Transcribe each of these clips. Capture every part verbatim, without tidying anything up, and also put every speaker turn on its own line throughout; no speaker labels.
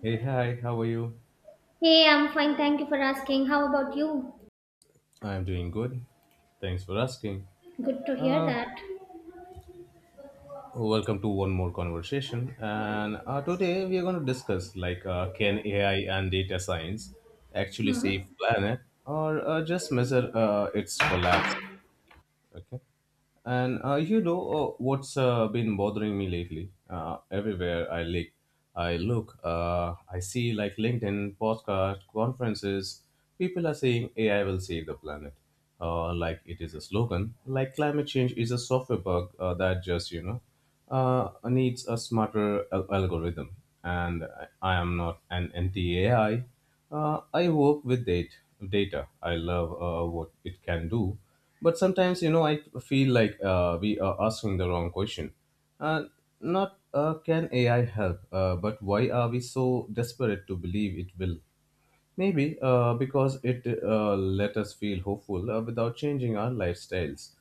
Hey, hi, how are you?
Hey, I'm fine. Thank you for asking. How about you?
I'm doing good. Thanks for asking.
Good to hear
Uh,
that.
Welcome to one more conversation. And uh, Today we are going to discuss like uh, can A I and data science actually
Hmm.
save planet or uh, just measure uh, its collapse? Okay. And uh, you know uh, what's uh, been bothering me lately? Uh, everywhere I look, I look, uh, I see like LinkedIn, podcast, conferences. People are saying A I will save the planet, uh, like it is a slogan. Like climate change is a software bug uh, that just you know uh, needs a smarter al- algorithm. And I I am not an anti-A I. Uh, I work with data. Data. I love uh, what it can do, but sometimes you know i feel like uh, we are asking the wrong question, uh, not uh, can ai help, uh, but why are we so desperate to believe it will? Maybe uh, because it uh, let us feel hopeful uh, without changing our lifestyles.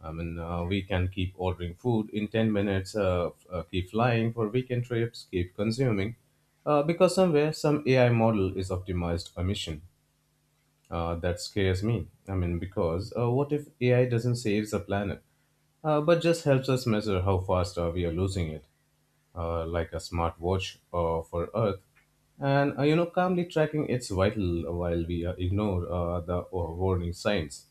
I mean, uh, We can keep ordering food in ten minutes, uh, f- uh, keep flying for weekend trips, keep consuming, uh, because somewhere some A I model is optimized a mission. Uh, that scares me. I mean, because uh, what if A I doesn't save the planet, uh, but just helps us measure how fast uh, we are losing it, uh, like a smart watch uh, for Earth, and uh, you know, calmly tracking its vital while we uh, ignore uh, the uh, warning signs.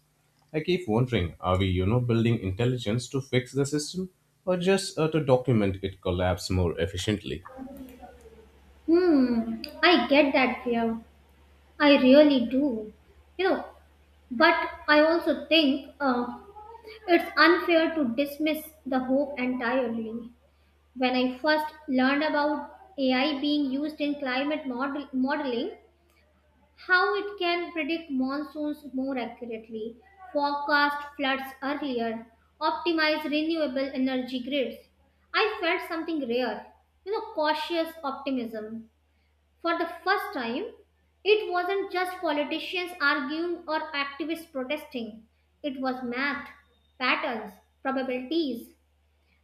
I keep wondering, are we, you know, building intelligence to fix the system, or just uh, to document its collapse more efficiently?
Hmm. I get that fear. I really do. You know, but I also think uh, it's unfair to dismiss the hope entirely. When I first learned about A I being used in climate model- modeling, how it can predict monsoons more accurately, forecast floods earlier, optimize renewable energy grids. I felt something rare, you know, cautious optimism. For the first time, it wasn't just politicians arguing or activists protesting, it was math, patterns, probabilities,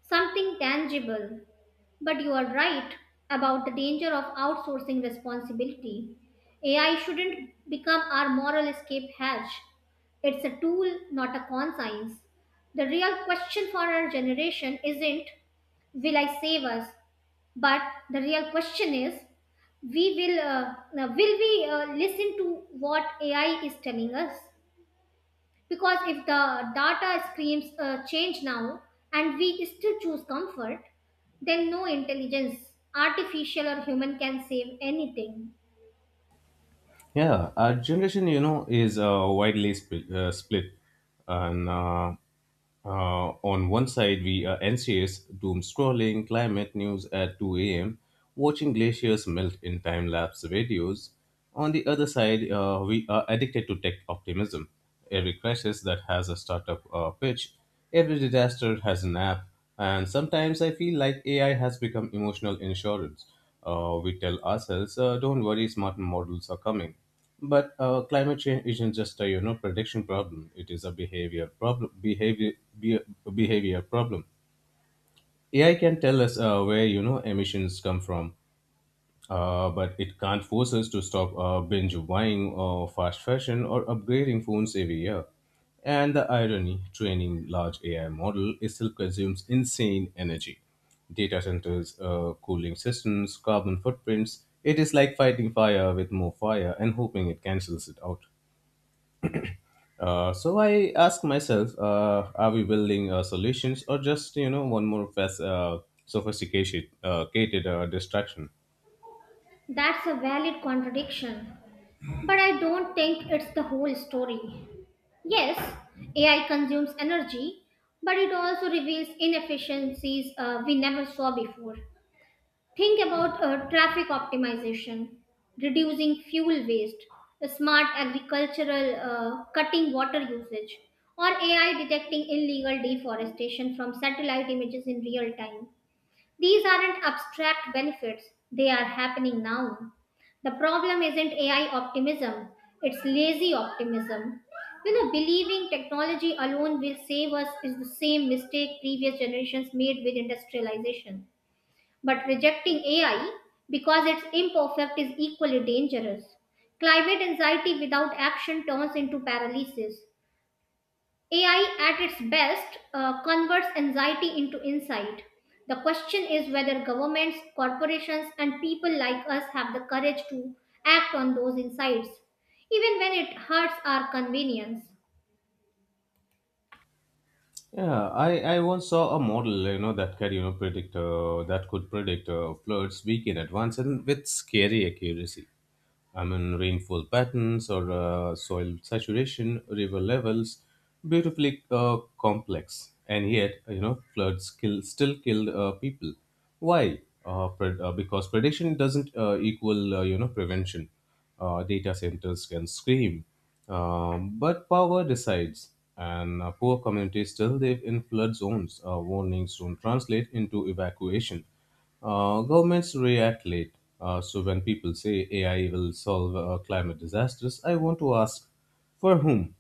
something tangible. But you are right about the danger of outsourcing responsibility. A I shouldn't become our moral escape hatch. It's a tool, not a conscience. The real question for our generation isn't, will I save us? But the real question is, we will, uh, uh, will we uh, listen to what A I is telling us? Because if the data screams uh, change now and we still choose comfort, then no intelligence, artificial or human, can save anything.
Yeah, our generation, you know, is uh, widely split. Uh, split. And uh, uh, on one side, we are anxious, doom scrolling, climate news at two a m, watching glaciers melt in time lapse videos. On the other side, uh, we are addicted to tech optimism. Every crisis that has a startup uh, pitch, every disaster has an app, and sometimes I feel like A I has become emotional insurance. Uh, we tell ourselves, uh, "Don't worry, smart models are coming." But uh, climate change isn't just a you know prediction problem; it is a behavior problem. Behavior be, behavior problem. A I can tell us uh, where you know emissions come from, uh, but it can't force us to stop uh, binge buying uh, fast fashion or upgrading phones every year. And the irony training large A I model it still consumes insane energy. Data centers, uh, cooling systems, carbon footprints. It is like fighting fire with more fire and hoping it cancels it out. Uh, so I ask myself, uh, are we building uh, solutions or just you know one more fast, uh, sophisticated uh, cated, uh, distraction?
That's a valid contradiction. But I don't think it's the whole story. Yes, A I consumes energy, but it also reveals inefficiencies uh, we never saw before. Think about uh, traffic optimization, reducing fuel waste, a smart agricultural uh, cutting water usage, or A I detecting illegal deforestation from satellite images in real time. These aren't abstract benefits, they are happening now. The problem isn't A I optimism, it's lazy optimism. You know, believing technology alone will save us is the same mistake previous generations made with industrialization. But rejecting A I because it's imperfect is equally dangerous. Climate anxiety without action turns into paralysis. A I at its best uh, converts anxiety into insight. The question is whether governments, corporations, and people like us have the courage to act on those insights, even when it hurts our convenience.
Yeah, I, I once saw a model, you know, that could, you know, predict, uh, that could predict uh, floods week in advance and with scary accuracy. I mean, rainfall patterns or uh, soil saturation, river levels, beautifully uh, complex. And yet, you know, floods kill, still killed uh, people. Why? Uh, pred- uh, because prediction doesn't uh, equal, uh, you know, prevention. Uh, data centers can scream, um, but power decides. And uh, poor communities still live in flood zones. Uh, warnings don't translate into evacuation. Uh, governments react late. Uh, so when people say A I will solve uh, climate disasters, I want to ask, for whom?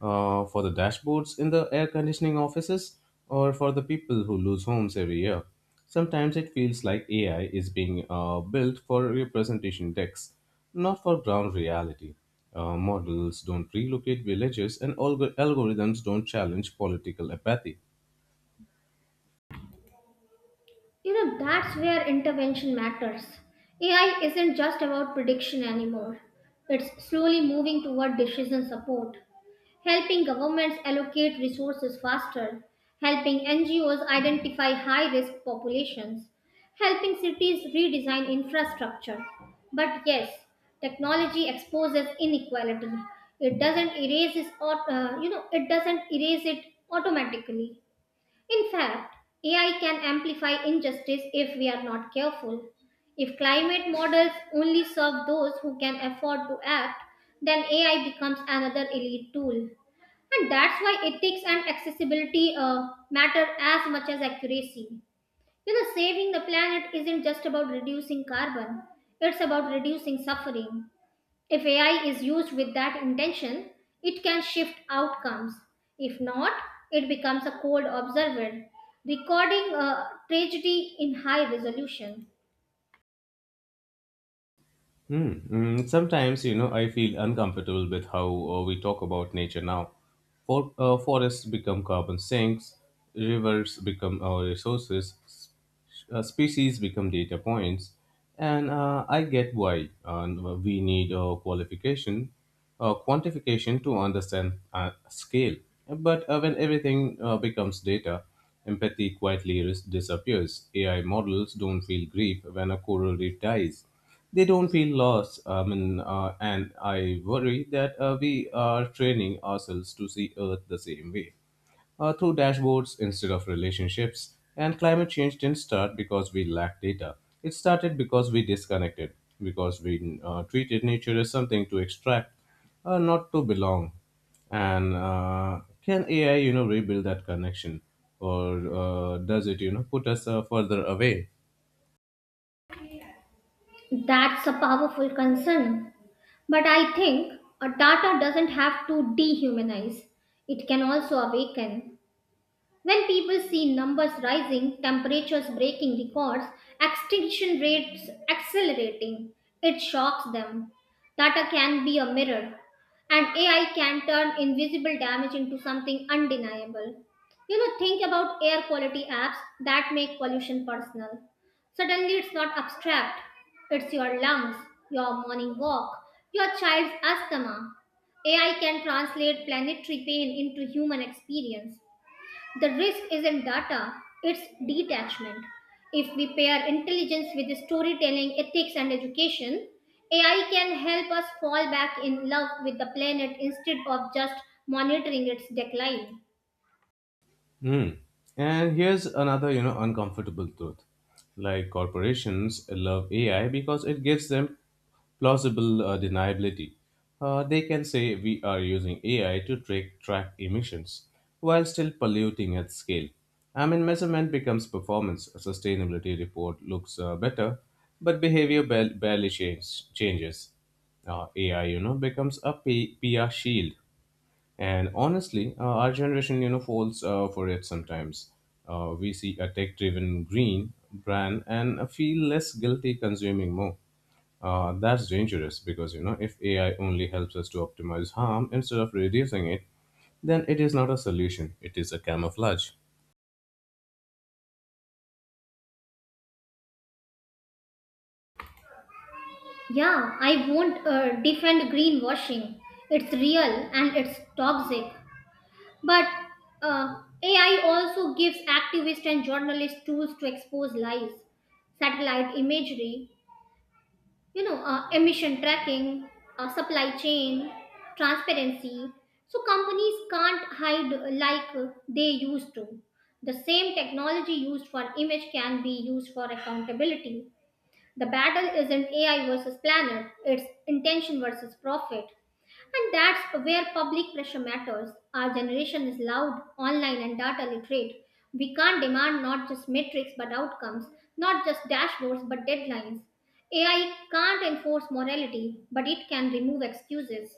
uh, For the dashboards in the air conditioning offices, or for the people who lose homes every year. Sometimes it feels like A I is being uh, built for representation decks, not for ground reality. Uh, models don't relocate villages, and alg- algorithms don't challenge political apathy.
You know, that's where intervention matters. A I isn't just about prediction anymore. It's slowly moving toward decision support, helping governments allocate resources faster, helping N G Os identify high risk populations, helping cities redesign infrastructure. But yes, technology exposes inequality. It doesn't erase it, aut- uh, you know, it doesn't erase it automatically. In fact, A I can amplify injustice if we are not careful. If climate models only serve those who can afford to act, then A I becomes another elite tool. And that's why ethics and accessibility uh, matter as much as accuracy. You know, saving the planet isn't just about reducing carbon, it's about reducing suffering. If A I is used with that intention, it can shift outcomes. If not, it becomes a cold observer, recording a tragedy in high resolution.
Mm, mm, sometimes, you know, I feel uncomfortable with how uh, we talk about nature now. For, uh, forests become carbon sinks, rivers become our resources, s- uh, species become data points, and uh, I get why uh, we need a qualification, uh, quantification to understand uh, scale. But uh, when everything uh, becomes data, empathy quietly ris- disappears. A I models don't feel grief when a coral reef dies. They don't feel lost. I mean, uh, and I worry that uh, we are training ourselves to see Earth the same way, uh, through dashboards instead of relationships. And climate change didn't start because we lacked data. It started because we disconnected, because we uh, treated nature as something to extract, uh, not to belong. And uh, can A I, you know, rebuild that connection, or uh, does it, you know, put us uh, further away?
That's a powerful concern. But I think a data doesn't have to dehumanize, it can also awaken. When people see numbers rising, temperatures breaking records, extinction rates accelerating, it shocks them. Data can be a mirror, and A I can turn invisible damage into something undeniable. You know, think about air quality apps that make pollution personal. Suddenly, it's not abstract, it's your lungs, your morning walk, your child's asthma. A I can translate planetary pain into human experience. The risk isn't data, it's detachment. If we pair intelligence with storytelling, ethics, and education, A I can help us fall back in love with the planet instead of just monitoring its decline.
Hmm. And here's another, you know, uncomfortable truth. Like corporations love A I because it gives them plausible uh, deniability. Uh, they can say we are using A I to track, track emissions while still polluting at scale. I mean, measurement becomes performance. A sustainability report looks uh, better, but behavior ba- barely change, changes. Uh, A I, you know, becomes a P- PR shield, and honestly, uh, our generation, you know, falls uh, for it sometimes. Uh, we see a tech-driven green brand and uh, feel less guilty consuming more. Uh, that's dangerous because, you know, if A I only helps us to optimize harm instead of reducing it, then it is not a solution. It is a camouflage.
Yeah, I won't uh, defend greenwashing. It's real and it's toxic. But uh, A I also gives activists and journalists tools to expose lies. Satellite imagery, you know uh, emission tracking uh, supply chain transparency so companies can't hide like they used to. The same technology used for image can be used for accountability. The battle isn't A I versus planet, it's intention versus profit. And that's where public pressure matters. Our generation is loud, online, and data literate. We can't demand not just metrics but outcomes, not just dashboards but deadlines. A I can't enforce morality, but it can remove excuses.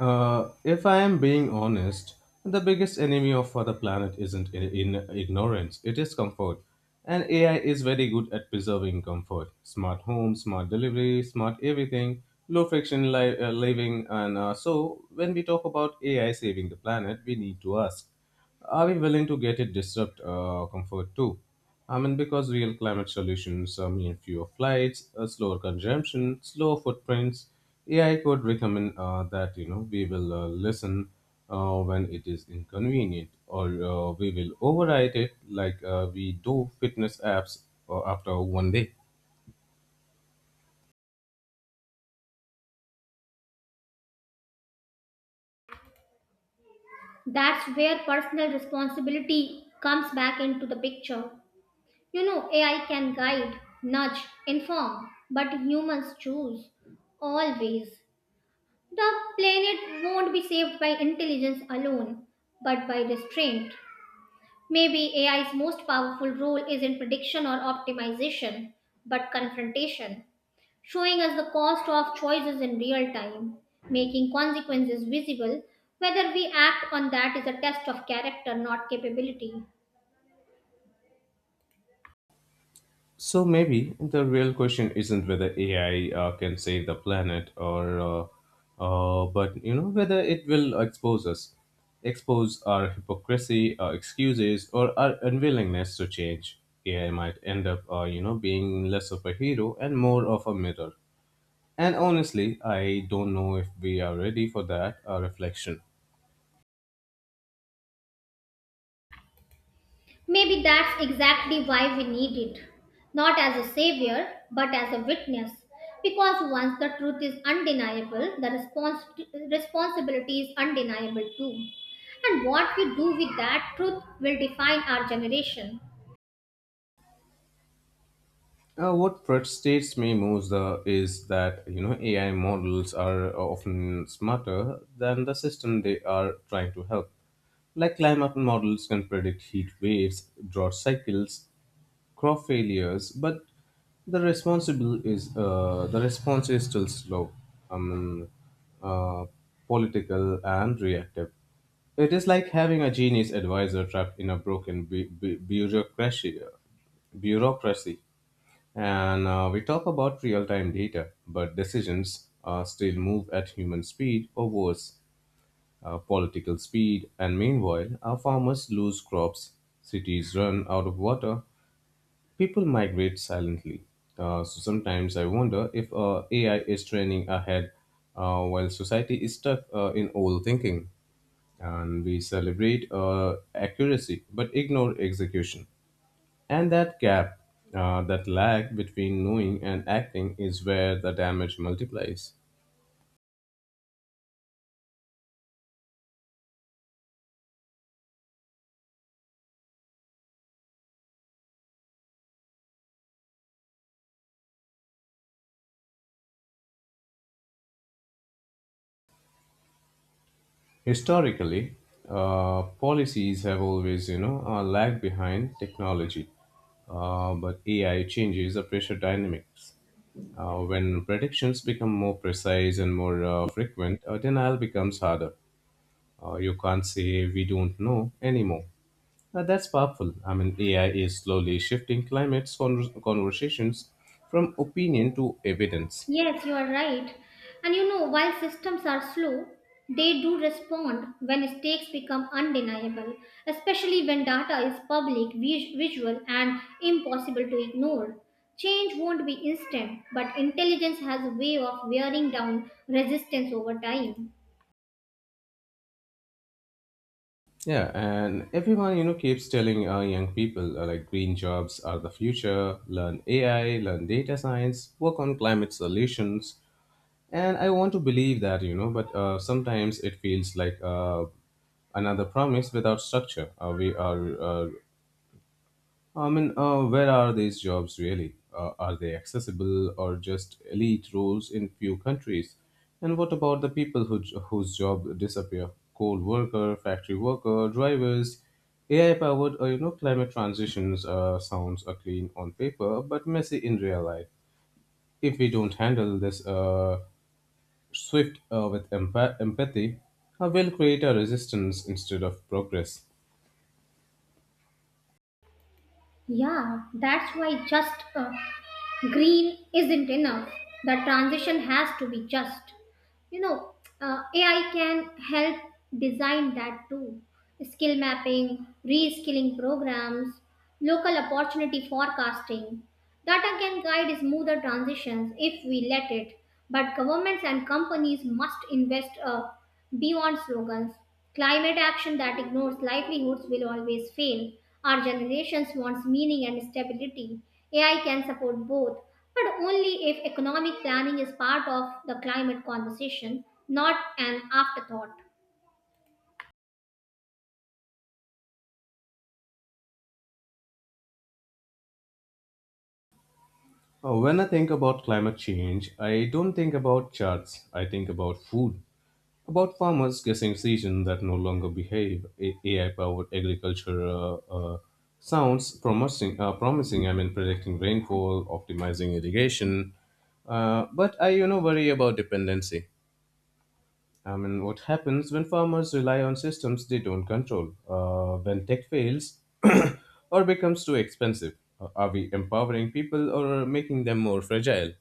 Uh, if I am being honest, the biggest enemy of for the planet isn't I- in ignorance, it is comfort. And A I is very good at preserving comfort. Smart home, smart delivery, smart everything, low friction li- uh, living. And uh, So, when we talk about A I saving the planet, we need to ask, are we willing to get it disrupt uh, comfort too? I mean, because real climate solutions uh, mean fewer flights, uh, slower consumption, slower footprints. A I could recommend uh, that you know we will uh, listen uh, when it is inconvenient, or uh, we will override it like uh, we do fitness apps uh, after one day.
That's where personal responsibility comes back into the picture. You know, A I can guide, nudge, inform, but humans choose always. The planet won't be saved by intelligence alone, but by restraint. Maybe A I's most powerful role is in prediction or optimization, but confrontation, showing us the cost of choices in real time, making consequences visible. Whether we act on that is a test of character, not capability.
So maybe the real question isn't whether A I uh, can save the planet or, uh, uh, but you know whether it will expose us, expose our hypocrisy, our excuses, or our unwillingness to change. A I might end up, uh, you know, being less of a hero and more of a mirror. And honestly, I don't know if we are ready for that uh, reflection.
Maybe that's exactly why we need it. Not as a savior, but as a witness. Because once the truth is undeniable, the respons- responsibility is undeniable too. And what we do with that truth will define our generation.
Uh, what frustrates me most uh, is that you know A I models are often smarter than the system they are trying to help. Like climate models can predict heat waves, drought cycles, crop failures, but the responsible is uh, the response is still slow, um, uh, political and reactive. It is like having a genius advisor trapped in a broken bu- bu- bureaucracy. Bureaucracy. And uh, we talk about real time data, but decisions uh, still move at human speed or worse, uh, political speed. And meanwhile, our farmers lose crops, cities run out of water, people migrate silently. Uh, so sometimes I wonder if uh, A I is training ahead uh, while society is stuck uh, in old thinking. And we celebrate uh, accuracy but ignore execution. And that gap, uh, that lag between knowing and acting, is where the damage multiplies. Historically, uh, policies have always, you know, uh, lagged behind technology, uh, but A I changes the pressure dynamics. Uh, when predictions become more precise and more uh, frequent, uh, denial becomes harder. Uh, you can't say we don't know anymore. Uh, that's powerful. I mean, A I is slowly shifting climate con- conversations from opinion to evidence.
Yes, you are right. And you know, while systems are slow, they do respond when stakes become undeniable, especially when data is public, vis- visual, and impossible to ignore. Change won't be instant, but intelligence has a way of wearing down resistance over time.
Yeah, and everyone you know keeps telling uh, young people uh, like green jobs are the future. Learn A I, learn data science, work on climate solutions. And I want to believe that, you know, but uh, sometimes it feels like uh, another promise without structure. Uh, we are uh, I mean, uh, Where are these jobs really? Uh, are they accessible or just elite roles in few countries? And what about the people who, whose job disappear? Coal worker, factory worker, drivers. A I powered, uh, you know, climate transitions uh, sounds uh, clean on paper, but messy in real life. If we don't handle this uh, swift uh, with empath- empathy, uh, we'll create a resistance instead of progress.
Yeah, that's why just uh, green isn't enough. The transition has to be just. You know, uh, A I can help design that too. Skill mapping, reskilling programs, local opportunity forecasting. Data can guide smoother transitions if we let it, but governments and companies must invest uh, beyond slogans. Climate action that ignores livelihoods will always fail. Our generations wants meaning and stability. A I can support both, but only if economic planning is part of the climate conversation, not an afterthought.
Uh, When I think about climate change, I don't think about charts. I think about food, about farmers guessing seasons that no longer behave. A I powered agriculture uh, uh, sounds promising, uh, promising. I mean, predicting rainfall, optimizing irrigation. Uh, but I, you know, worry about dependency. I mean, what happens when farmers rely on systems they don't control? Uh, when tech fails or becomes too expensive? Uh, Are we empowering people or making them more fragile?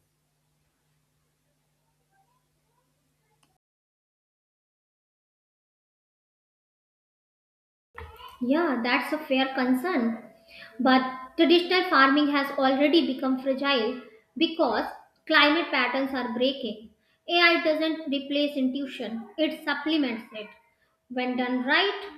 Yeah, that's a fair concern. But traditional farming has already become fragile because climate patterns are breaking. A I doesn't replace intuition, it supplements it. When done right,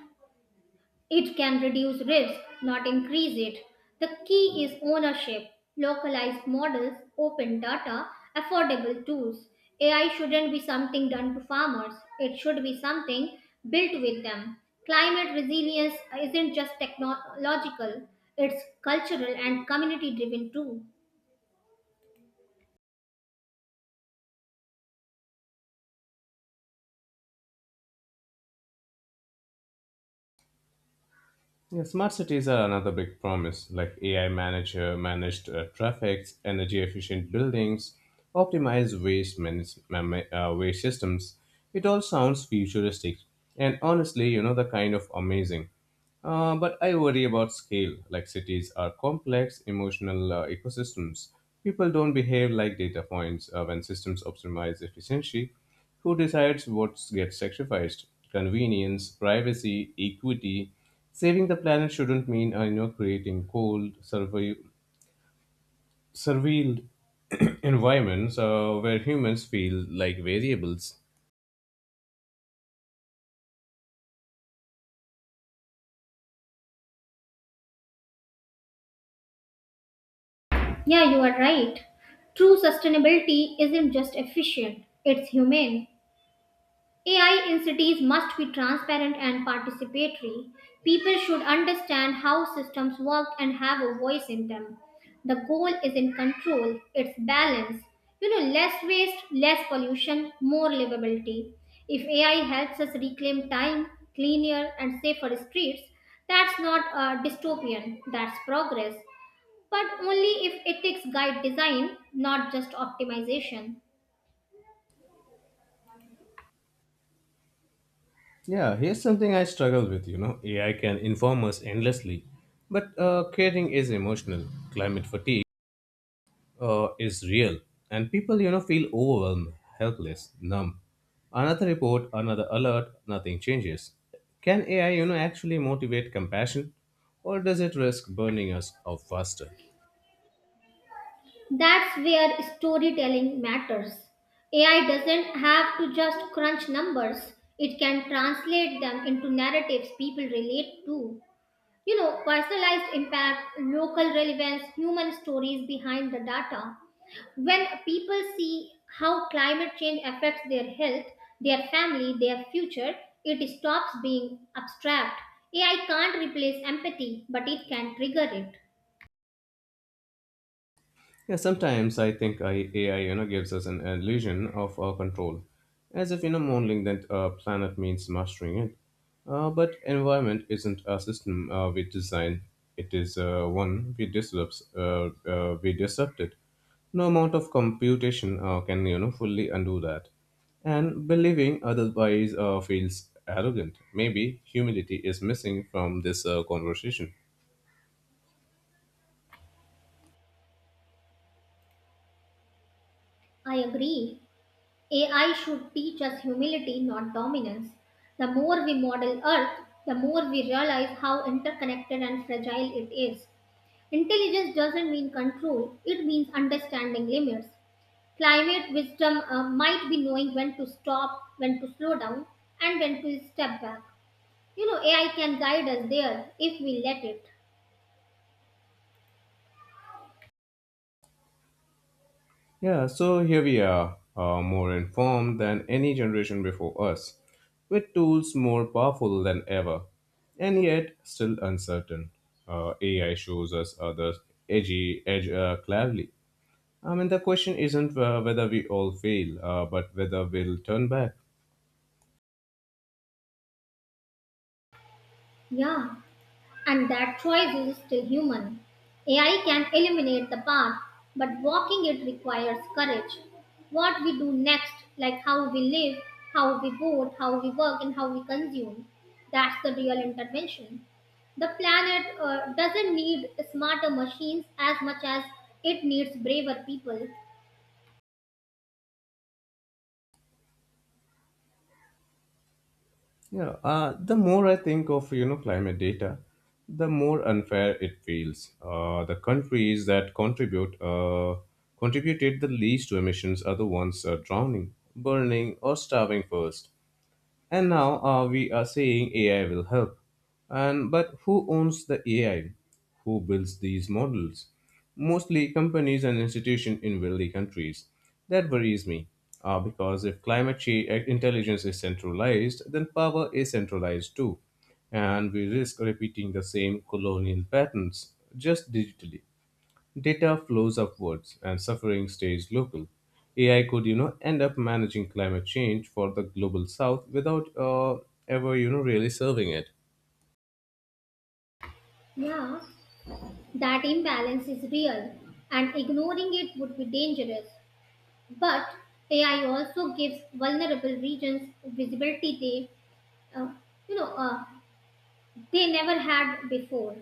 it can reduce risk, not increase it. The key is ownership, localized models, open data, affordable tools. A I shouldn't be something done to farmers, it should be something built with them. Climate resilience isn't just technological, it's cultural and community driven too.
Yeah, smart cities are another big promise, like A I manager managed uh, traffics, energy efficient buildings, optimized waste manage- ma- ma- uh, waste systems. It all sounds futuristic, and honestly, you know the kind of amazing. Uh, but I worry about scale. Like cities are complex, emotional uh, ecosystems. People don't behave like data points uh, when systems optimize efficiency. Who decides what gets sacrificed? Convenience, privacy, equity. Saving the planet shouldn't mean uh, you know creating cold, survey, surveilled environments uh, where humans feel like variables.
Yeah, you are right. True sustainability isn't just efficient, it's humane. A I in cities must be transparent and participatory. People should understand how systems work and have a voice in them. The goal is in control, it's balance. You know, less waste, less pollution, more livability. If A I helps us reclaim time, cleaner and safer streets, that's not a dystopian, that's progress. But only if ethics guide design, not just optimization.
Yeah, here's something I struggle with. You know, A I can inform us endlessly, but uh, caring is emotional. Climate fatigue uh, is real, and people you know feel overwhelmed, helpless, numb. Another report, another alert, nothing changes. Can A I you know actually motivate compassion, or does it risk burning us out faster?
That's where storytelling matters. A I doesn't have to just crunch numbers, it can translate them into narratives people relate to. You know, personalized impact, local relevance, human stories behind the data. When people see how climate change affects their health, their family, their future, it stops being abstract. A I can't replace empathy, but it can trigger it.
Yeah, sometimes I think I, A I, you know, gives us an illusion of uh, control, as if you know, modeling that uh, planet means mastering it. Uh, but environment isn't a system uh, we design; it is uh, one we disrupt. Uh, uh, we disrupt it. No amount of computation uh, can you know fully undo that. And believing otherwise uh, feels arrogant. Maybe humility is missing from this uh, conversation.
I agree. A I should teach us humility, not dominance. The more we model Earth, the more we realize how interconnected and fragile it is. Intelligence doesn't mean control, it means understanding limits. Climate wisdom uh, might be knowing when to stop, when to slow down, and when to step back. You know, A I can guide us there if we let it.
Yeah, so here we are, uh, more informed than any generation before us, with tools more powerful than ever, and yet still uncertain. Uh, A I shows us other edgy edge uh, clearly. I mean, the question isn't uh, whether we all fail, uh, but whether we'll turn back.
Yeah. And that choice is still human. A I can eliminate the path, but walking it requires courage. What we do next, like how we live, how we vote, how we work, and how we consume, that's the real intervention. The planet uh, doesn't need smarter machines as much as it needs braver people.
Yeah, uh, the more I think of you know climate data, the more unfair it feels. Uh, the countries that contribute uh, contributed the least to emissions are the ones uh, drowning, burning, or starving first. And now uh, we are saying A I will help. And but who owns the A I? Who builds these models? Mostly companies and institutions in wealthy countries. That worries me. Uh, because if climate change intelligence is centralized, then power is centralized too. And we risk repeating the same colonial patterns just digitally. Data flows upwards and suffering stays local. A I could, you know, end up managing climate change for the global south without uh, ever, you know, really serving it.
Yeah, that imbalance is real, and ignoring it would be dangerous. But A I also gives vulnerable regions visibility they, uh, you know, uh, they never had before.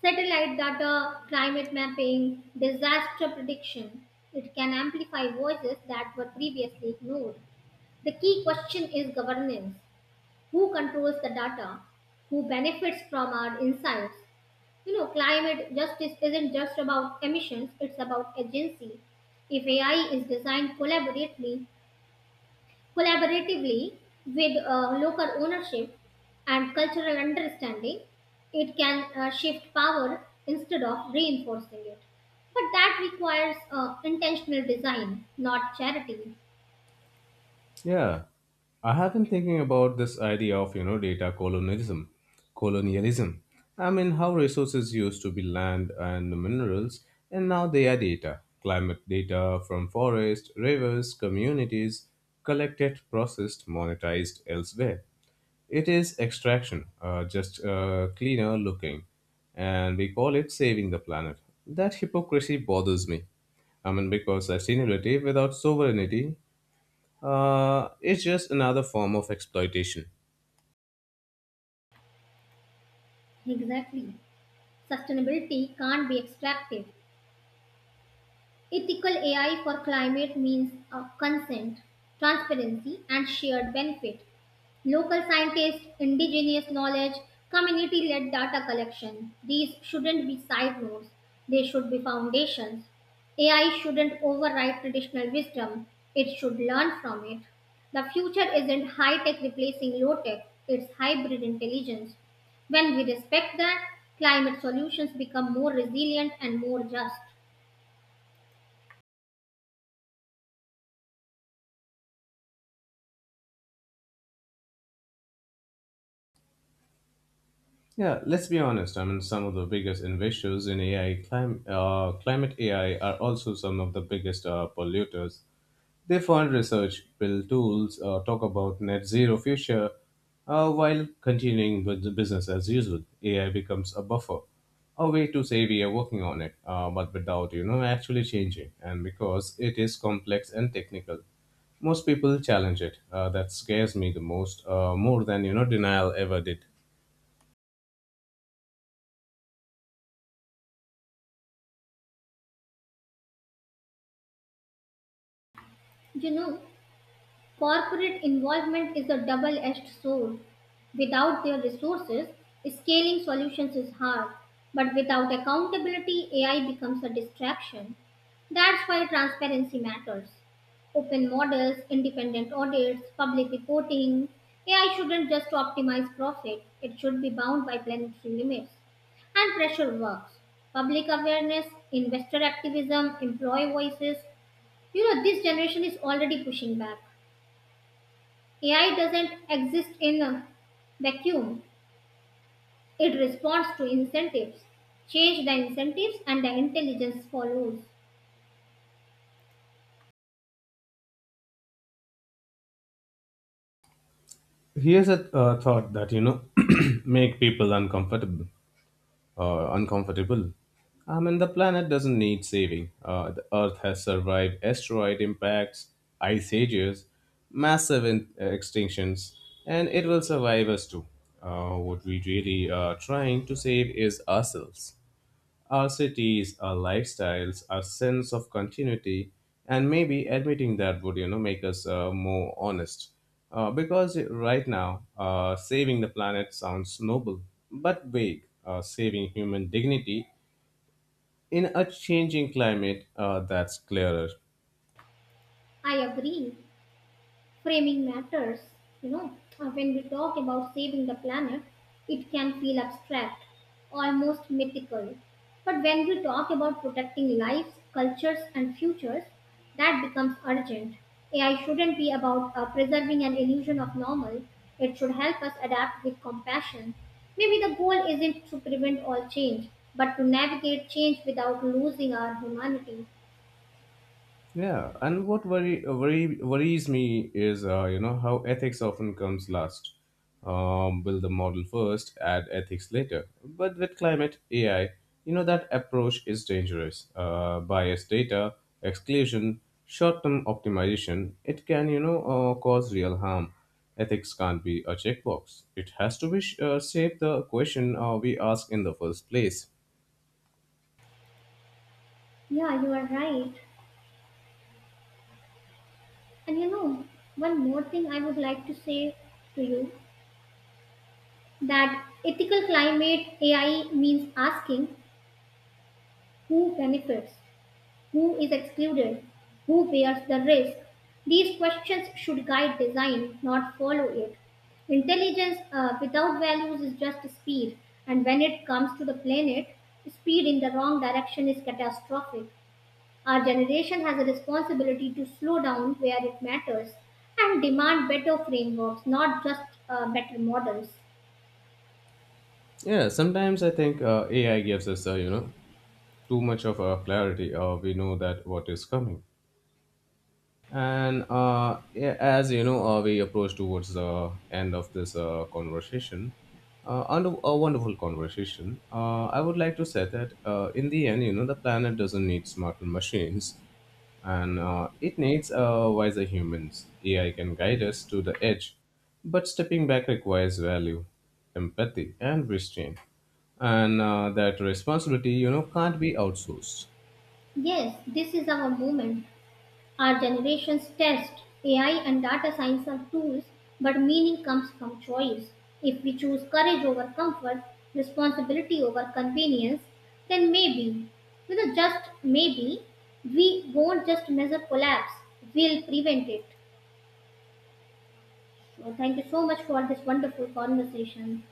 Satellite data, climate mapping, disaster prediction. It can amplify voices that were previously ignored. The key question is governance. Who controls the data? Who benefits from our insights? You know, climate justice isn't just about emissions, it's about agency. If A I is designed collaboratively, Collaboratively with uh, local ownership and cultural understanding, it can uh, shift power instead of reinforcing it. But that requires uh, intentional design, not charity.
Yeah. I have been thinking about this idea of, you know, data colonialism. Colonialism. I mean, how resources used to be land and minerals, and now they are data. Climate data from forests, rivers, communities, collected, processed, monetized elsewhere. It is extraction, uh, just uh, cleaner looking, and we call it saving the planet. That hypocrisy bothers me. I mean, because sustainability without sovereignty uh, is just another form of exploitation.
Exactly. Sustainability can't be extractive. Ethical A I for climate means uh, consent, transparency, and shared benefit. Local scientists, indigenous knowledge, community led data collection. These shouldn't be side nodes, they should be foundations. A I shouldn't override traditional wisdom, it should learn from it. The future isn't high tech replacing low tech, it's hybrid intelligence. When we respect that, climate solutions become more resilient and more just.
Yeah, let's be honest. I mean, some of the biggest investors in A I, clim- uh, climate A I, are also some of the biggest uh, polluters. They fund research, build tools, uh, talk about net zero future, uh, while continuing with the business as usual. A I becomes a buffer, a way to say we are working on it, uh, but without you know actually changing. And because it is complex and technical, most people challenge it. Uh, that scares me the most, uh, more than you know denial ever did.
You know, corporate involvement is a double edged sword. Without their resources, scaling solutions is hard. But without accountability, A I becomes a distraction. That's why transparency matters. Open models, independent audits, public reporting. A I shouldn't just optimize profit, it should be bound by planetary limits. And pressure works. Public awareness, investor activism, employee voices. You know, this generation is already pushing back. A I doesn't exist in a vacuum. It responds to incentives. Change the incentives and the intelligence follows.
Here's a uh, thought that you know make people uncomfortable. Uh, uncomfortable. I mean, the planet doesn't need saving. Uh, the Earth has survived asteroid impacts, ice ages, massive in- uh, extinctions, and it will survive us too. Uh, what we really are trying to save is ourselves. Our cities, our lifestyles, our sense of continuity, and maybe admitting that would you know make us uh, more honest. Uh, because right now, uh, saving the planet sounds noble but vague. Uh, saving human dignity in a changing climate uh, that's clearer.
I agree. Framing matters, you know. Uh, when we talk about saving the planet, it can feel abstract, almost mythical. But when we talk about protecting lives, cultures, and futures, that becomes urgent. AI shouldn't be about uh, preserving an illusion of normal, it should help us adapt with compassion. Maybe the goal isn't to prevent all change, but to navigate change without losing our humanity.
Yeah, and what worry, worry worries me is uh, you know how ethics often comes last. Um, build the model first, add ethics later. But with climate A I, you know that approach is dangerous. Uh, biased data, exclusion, short-term optimization. It can you know uh, cause real harm. Ethics can't be a checkbox. It has to be sh- uh, shape the question uh, we ask in the first place.
Yeah, you are right. And you know, one more thing I would like to say to you, that ethical climate A I means asking who benefits, who is excluded, who bears the risk. These questions should guide design, not follow it. Intelligence uh, without values is just speed, and when it comes to the planet, speed in the wrong direction is catastrophic. Our generation has a responsibility to slow down where it matters and demand better frameworks, not just uh, better models.
Yeah, sometimes I think uh, A I gives us a you know too much of a clarity. Uh, we know that what is coming, and uh, yeah, as you know, uh, we approach towards the end of this uh, conversation. Uh, and a wonderful conversation. Uh, I would like to say that uh, in the end, you know, the planet doesn't need smarter machines, and uh, it needs uh, wiser humans. A I can guide us to the edge, but stepping back requires value, empathy, and restraint and uh, that responsibility you know can't be outsourced.
Yes, this is our moment. Our generation's test. A I and data science are tools, but meaning comes from choice. If we choose courage over comfort, responsibility over convenience, then maybe, you know, just maybe, we won't just measure collapse, we'll prevent it. So, thank you so much for this wonderful conversation.